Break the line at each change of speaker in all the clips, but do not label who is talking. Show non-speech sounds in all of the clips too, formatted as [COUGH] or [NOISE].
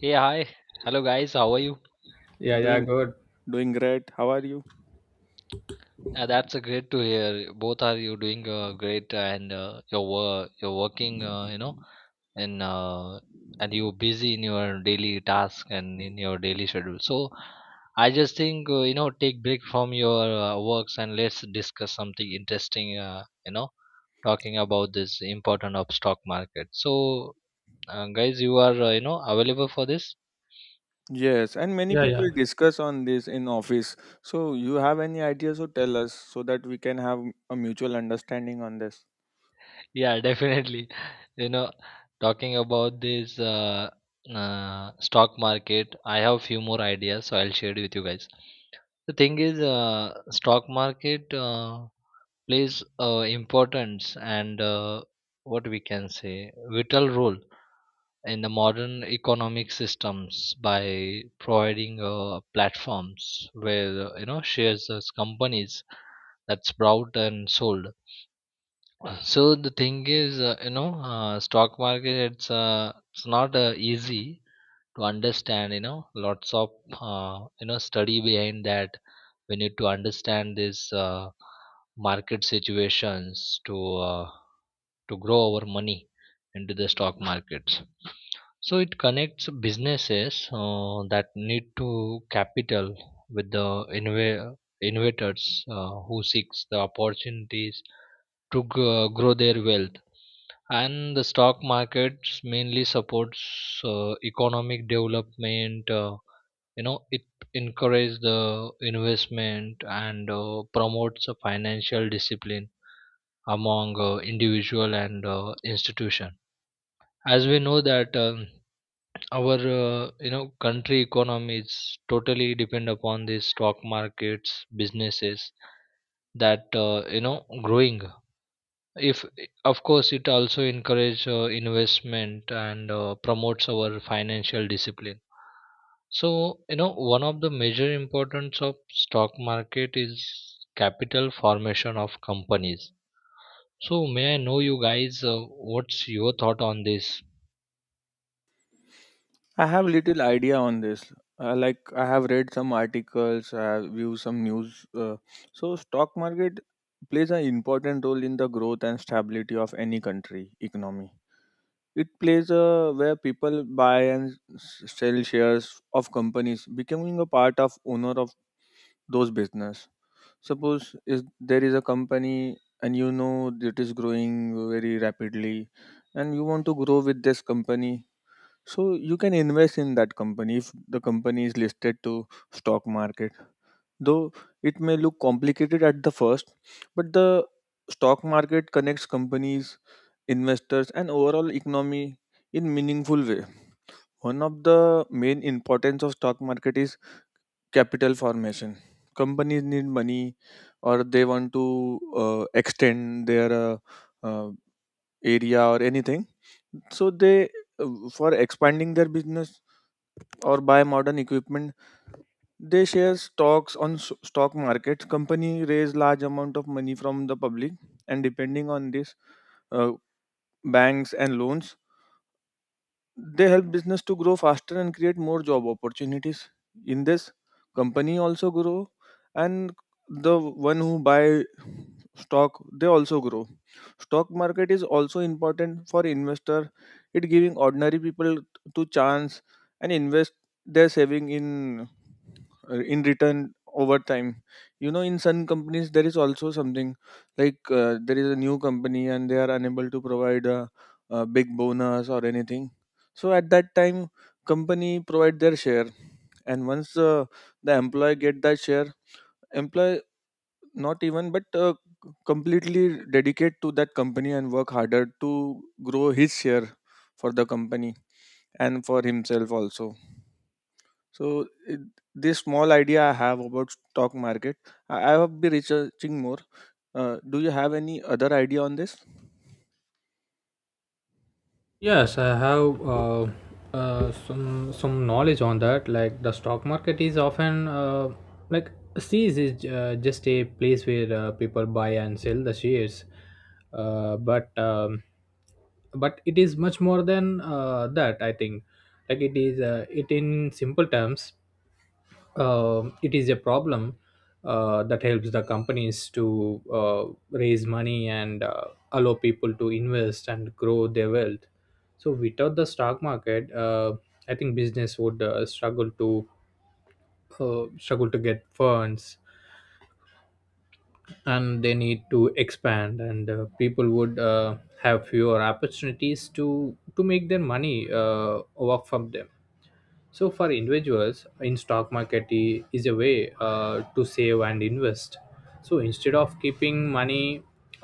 Hey, hi. Hello, guys. How are you?
Yeah, yeah,
Doing
good.
doing great. How are you?
That's great to hear. Both are you doing great, and you're working, and uh, and you're busy in your daily task and in your daily schedule. So, I just think take break from your works, and let's discuss something interesting. Talking about this important of stock market. So, guys, you are available for this?
Yes, and many
Yeah, yeah.
people discuss on this in office. So you have any ideas or tell us so that we can have a mutual understanding on this.
Yeah, definitely. [LAUGHS] You know, talking about this stock market, I have few more ideas, so I'll share it with you guys. The thing is, stock market plays importance and what we can say vital role in the modern economic systems by providing platforms where shares as companies that's bought and sold. So the thing is, stock market, it's not easy to understand. You know, lots of study behind that. We need to understand this market situations to grow our money into the stock markets. So it connects businesses that need to capital with the innovators who seeks the opportunities to grow their wealth, and the stock markets mainly supports economic development. It encourages the investment and promotes a financial discipline among individual and institution. As we know that our country economy is totally depend upon these stock markets businesses that growing. If of course it also encourage investment and promotes our financial discipline. So you know one of the major importance of stock market is capital formation of companies. So may I know you guys what's your thought on this?
I have little idea on this. Like I have read some articles, I have viewed some news. So stock market plays an important role in the growth and stability of any country economy. It plays a where people buy and sell shares of companies, becoming a part of owner of those business. Suppose is there is a company, and you know it is growing very rapidly, and you want to grow with this company. So you can invest in that company if the company is listed to stock market. Though it may look complicated at the first, but the stock market connects companies, investors and overall economy in meaningful way. One of the main importance of stock market is capital formation. Companies need money, or they want to extend their uh, area or anything. So they, for expanding their business or buy modern equipment, they share stocks on stock markets. Company raise large amount of money from the public, and depending on this, uh, banks and loans, they help business to grow faster and create more job opportunities. In this company also grow, and the one who buy stock they also grow. Stock market is also important for investor, it giving ordinary people to chance and invest their saving in, in return over time. You know, in some companies there is also something like, there is a new company and they are unable to provide a big bonus or anything. So at that time company provide their share, and once the employee get that share, employee not even but completely dedicate to that company and work harder to grow his share for the company and for himself also. So it, this small idea I have about stock market, I have been researching more. Do you have any other idea on this?
Yes, I have some knowledge on that. Like the stock market is often like sees is just a place where people buy and sell the shares, uh, but um, but it is much more than that, I think. Like it is it in simple terms, it is a problem that helps the companies to raise money and allow people to invest and grow their wealth. So without the stock market, I think business would struggle to get funds, and they need to expand, and people would have fewer opportunities to make their money work from them. So for individuals, in stock market is a way to save and invest. So instead of keeping money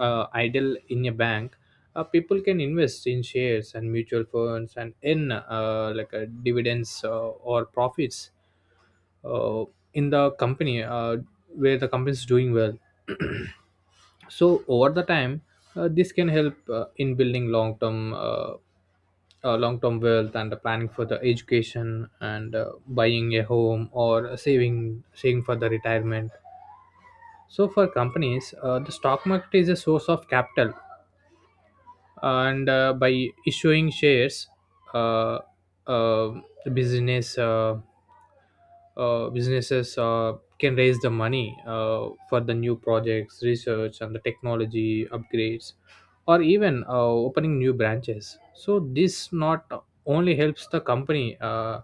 idle in a bank, people can invest in shares and mutual funds and in like dividends or profits, uh, in the company, where the company is doing well. [CLEARS THROAT] So over the time, this can help in building long-term wealth and the planning for the education and buying a home or saving for the retirement. So for companies, the stock market is a source of capital, and by issuing shares, uh, uh, the business businesses can raise the money for the new projects, research, and the technology upgrades, or even opening new branches. So this not only helps the company uh,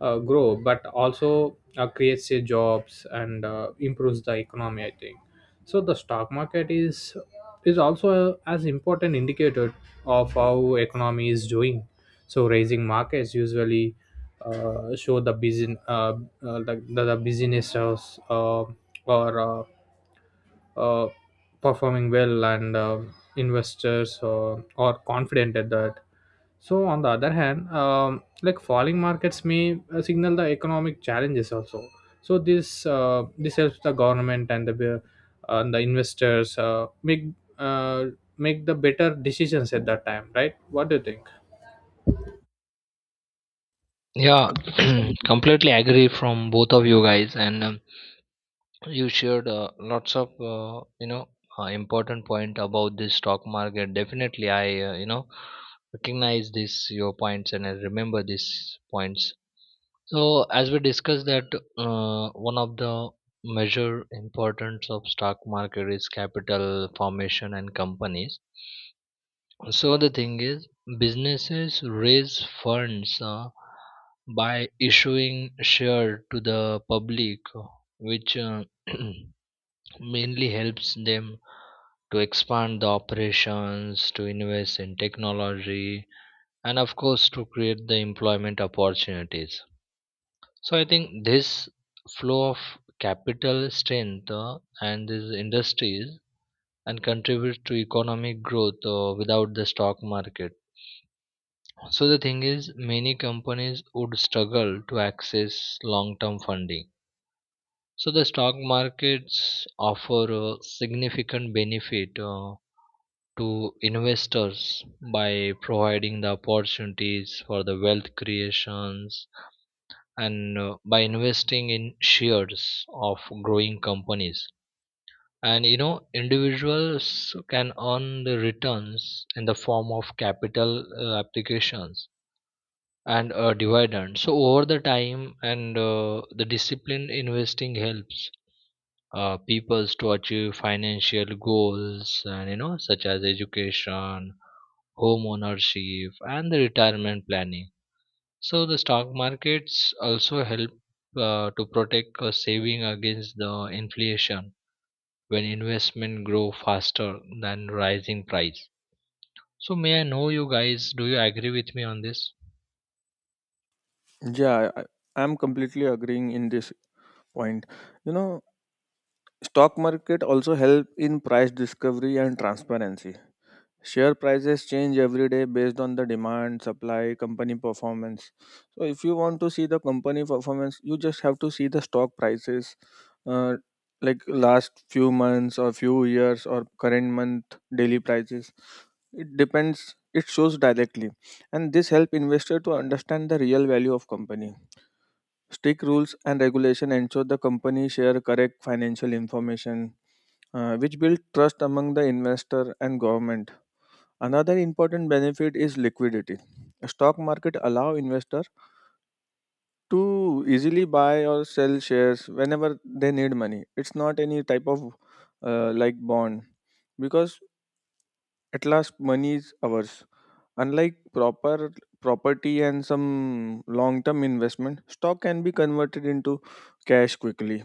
uh, grow, but also creates a jobs and improves the economy, I think so. The stock market is also as important indicator of how economy is doing. So raising markets usually show the businesses or uh, performing well, and investors are confident at that. So on the other hand, like falling markets may signal the economic challenges also. So this helps the government and the investors uh, make the better decisions at that time, right? What do you think?
Yeah,
Ag-
[CLEARS THROAT]
Agree.
completely agree from both of you guys. And you shared lots of important point about this stock market. Definitely I recognize this your points, and I remember these points. So as we discussed that, one of the major importance of stock market is capital formation and companies. So the thing is, businesses raise funds by issuing share to the public, which [CLEARS THROAT] mainly helps them to expand the operations, to invest in technology, and of course, to create the employment opportunities. So, I think this flow of capital strength and these industries and contribute to economic growth without the stock market. So, the thing is, many companies would struggle to access long term funding. So, the stock markets offer a significant benefit to investors by providing the opportunities for the wealth creations, and by investing in shares of growing companies. And you know individuals can earn the returns in the form of capital applications and dividends so over the time. And the disciplined investing helps peoples to achieve financial goals, and you know such as education, home ownership, and the retirement planning. So the stock markets also help to protect saving against the inflation when investment grow faster than rising price. So may I know you guys, do you agree with me on this?
Yeah, I'm completely agreeing in this point. You know, stock market also help in price discovery and transparency. Share prices change every day based on the demand, supply, company performance. So if you want to see the company performance, you just have to see the stock prices, uh, like last few months or few years or current month daily prices. It depends, it shows directly, and this help investor to understand the real value of company. Strict rules and regulation ensure the company share correct financial information, which build trust among the investor and government. Another important benefit is liquidity. Stock market allow investor to easily buy or sell shares whenever they need money. It's not any type of like bond, because at last money is ours. Unlike proper property and some long term investment, stock can be converted into cash quickly.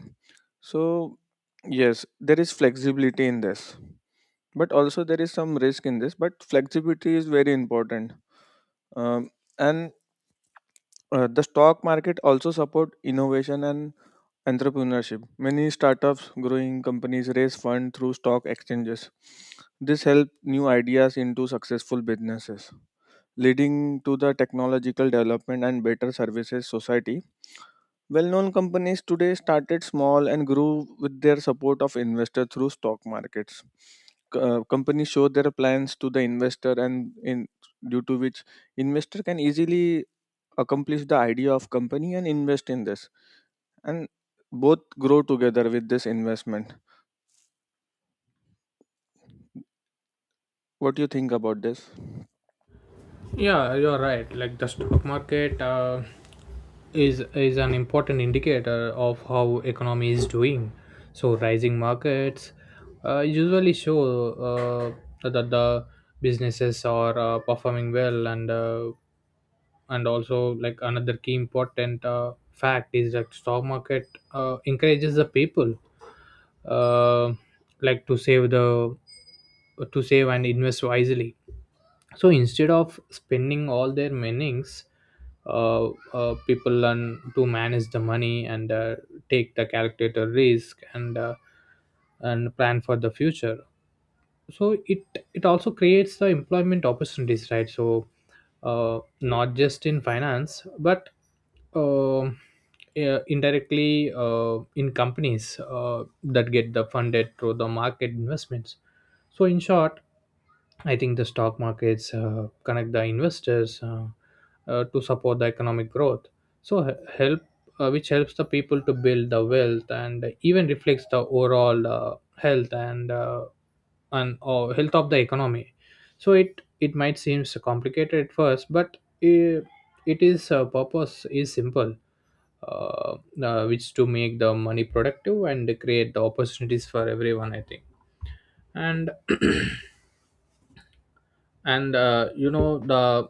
So, yes, there is flexibility in this, but also there is some risk in this. But flexibility is very important, um, and the stock market also support innovation and entrepreneurship. Many startups, growing companies raise fund through stock exchanges. This help new ideas into successful businesses leading to the technological development and better services society. Well-known companies today started small and grew with their support of investors through stock markets. Companies show their plans to the investor and in due to which investor can easily accomplish the idea of company and invest in this, and both grow together with this investment. What do you think about this?
Yeah, you're right. Like the stock market, is an important indicator of how economy is doing. So rising markets usually show that the businesses are performing well, and also like another key important fact is that stock market encourages the people uh, like to save and invest wisely. So instead of spending all their winnings, uh, people learn to manage the money and take the calculator risk and plan for the future. So it also creates the employment opportunities, right? So not just in finance but, um, yeah, indirectly in companies that get the funded through the market investments. So in short, I think the stock markets connect the investors, to support the economic growth. So which helps the people to build the wealth and even reflects the overall health and health of the economy. So it might seem complicated at first, but it is purpose is simple, uh, which to make the money productive and create the opportunities for everyone, I think. And [CLEARS THROAT] and you know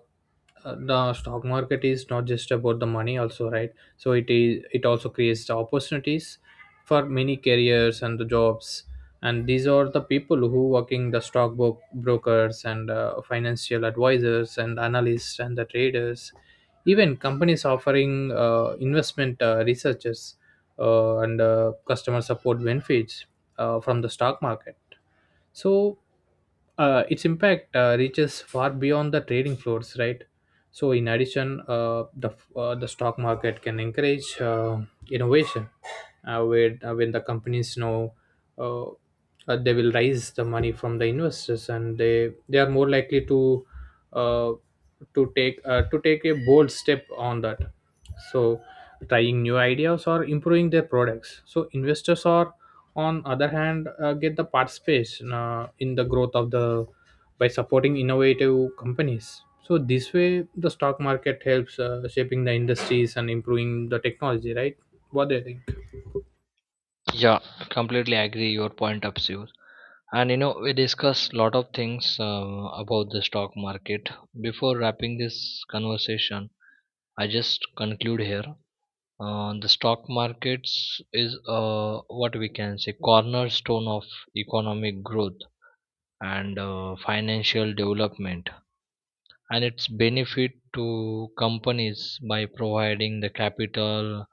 the stock market is not just about the money also, right? So it is it also creates the opportunities for many careers and the jobs, and these are the people who working the brokers and financial advisors and analysts and the traders. Even companies offering investment researchers and customer support benefits from the stock market. So its impact reaches far beyond the trading floors, right? So in addition, the stock market can encourage innovation, where when the companies know uh, they will raise the money from the investors, and they are more likely to uh, to take a bold step on that. So trying new ideas or improving their products, so investors are on other hand get the participation in the growth of the by supporting innovative companies. So this way the stock market helps shaping the industries and improving the technology, right? What do you think?
Yeah, completely agree your point of view. And you know, we discussed a lot of things about the stock market. Before wrapping this conversation, I just conclude here. The stock markets is what we can say cornerstone of economic growth and financial development, and its benefit to companies by providing the capital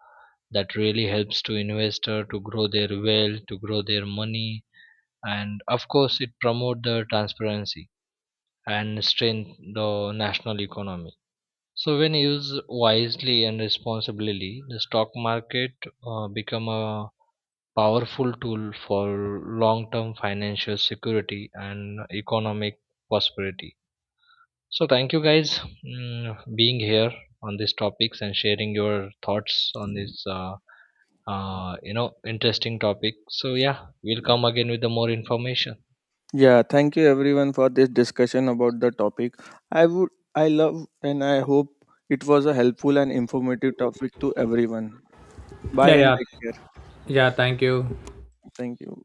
that really helps to investor to grow their wealth, to grow their money. And of course it promote the transparency and strengthen the national economy. So when used wisely and responsibly, the stock market become a powerful tool for long term financial security and economic prosperity. So thank you guys being here on these topics and sharing your thoughts on this interesting topic. So yeah, we'll come again with the more information.
Yeah, thank you everyone for this discussion about the topic. I would I love and I hope it was a helpful and informative topic to everyone.
Yeah,
Bye and
yeah.
take care.
Yeah, thank you.
Thank you.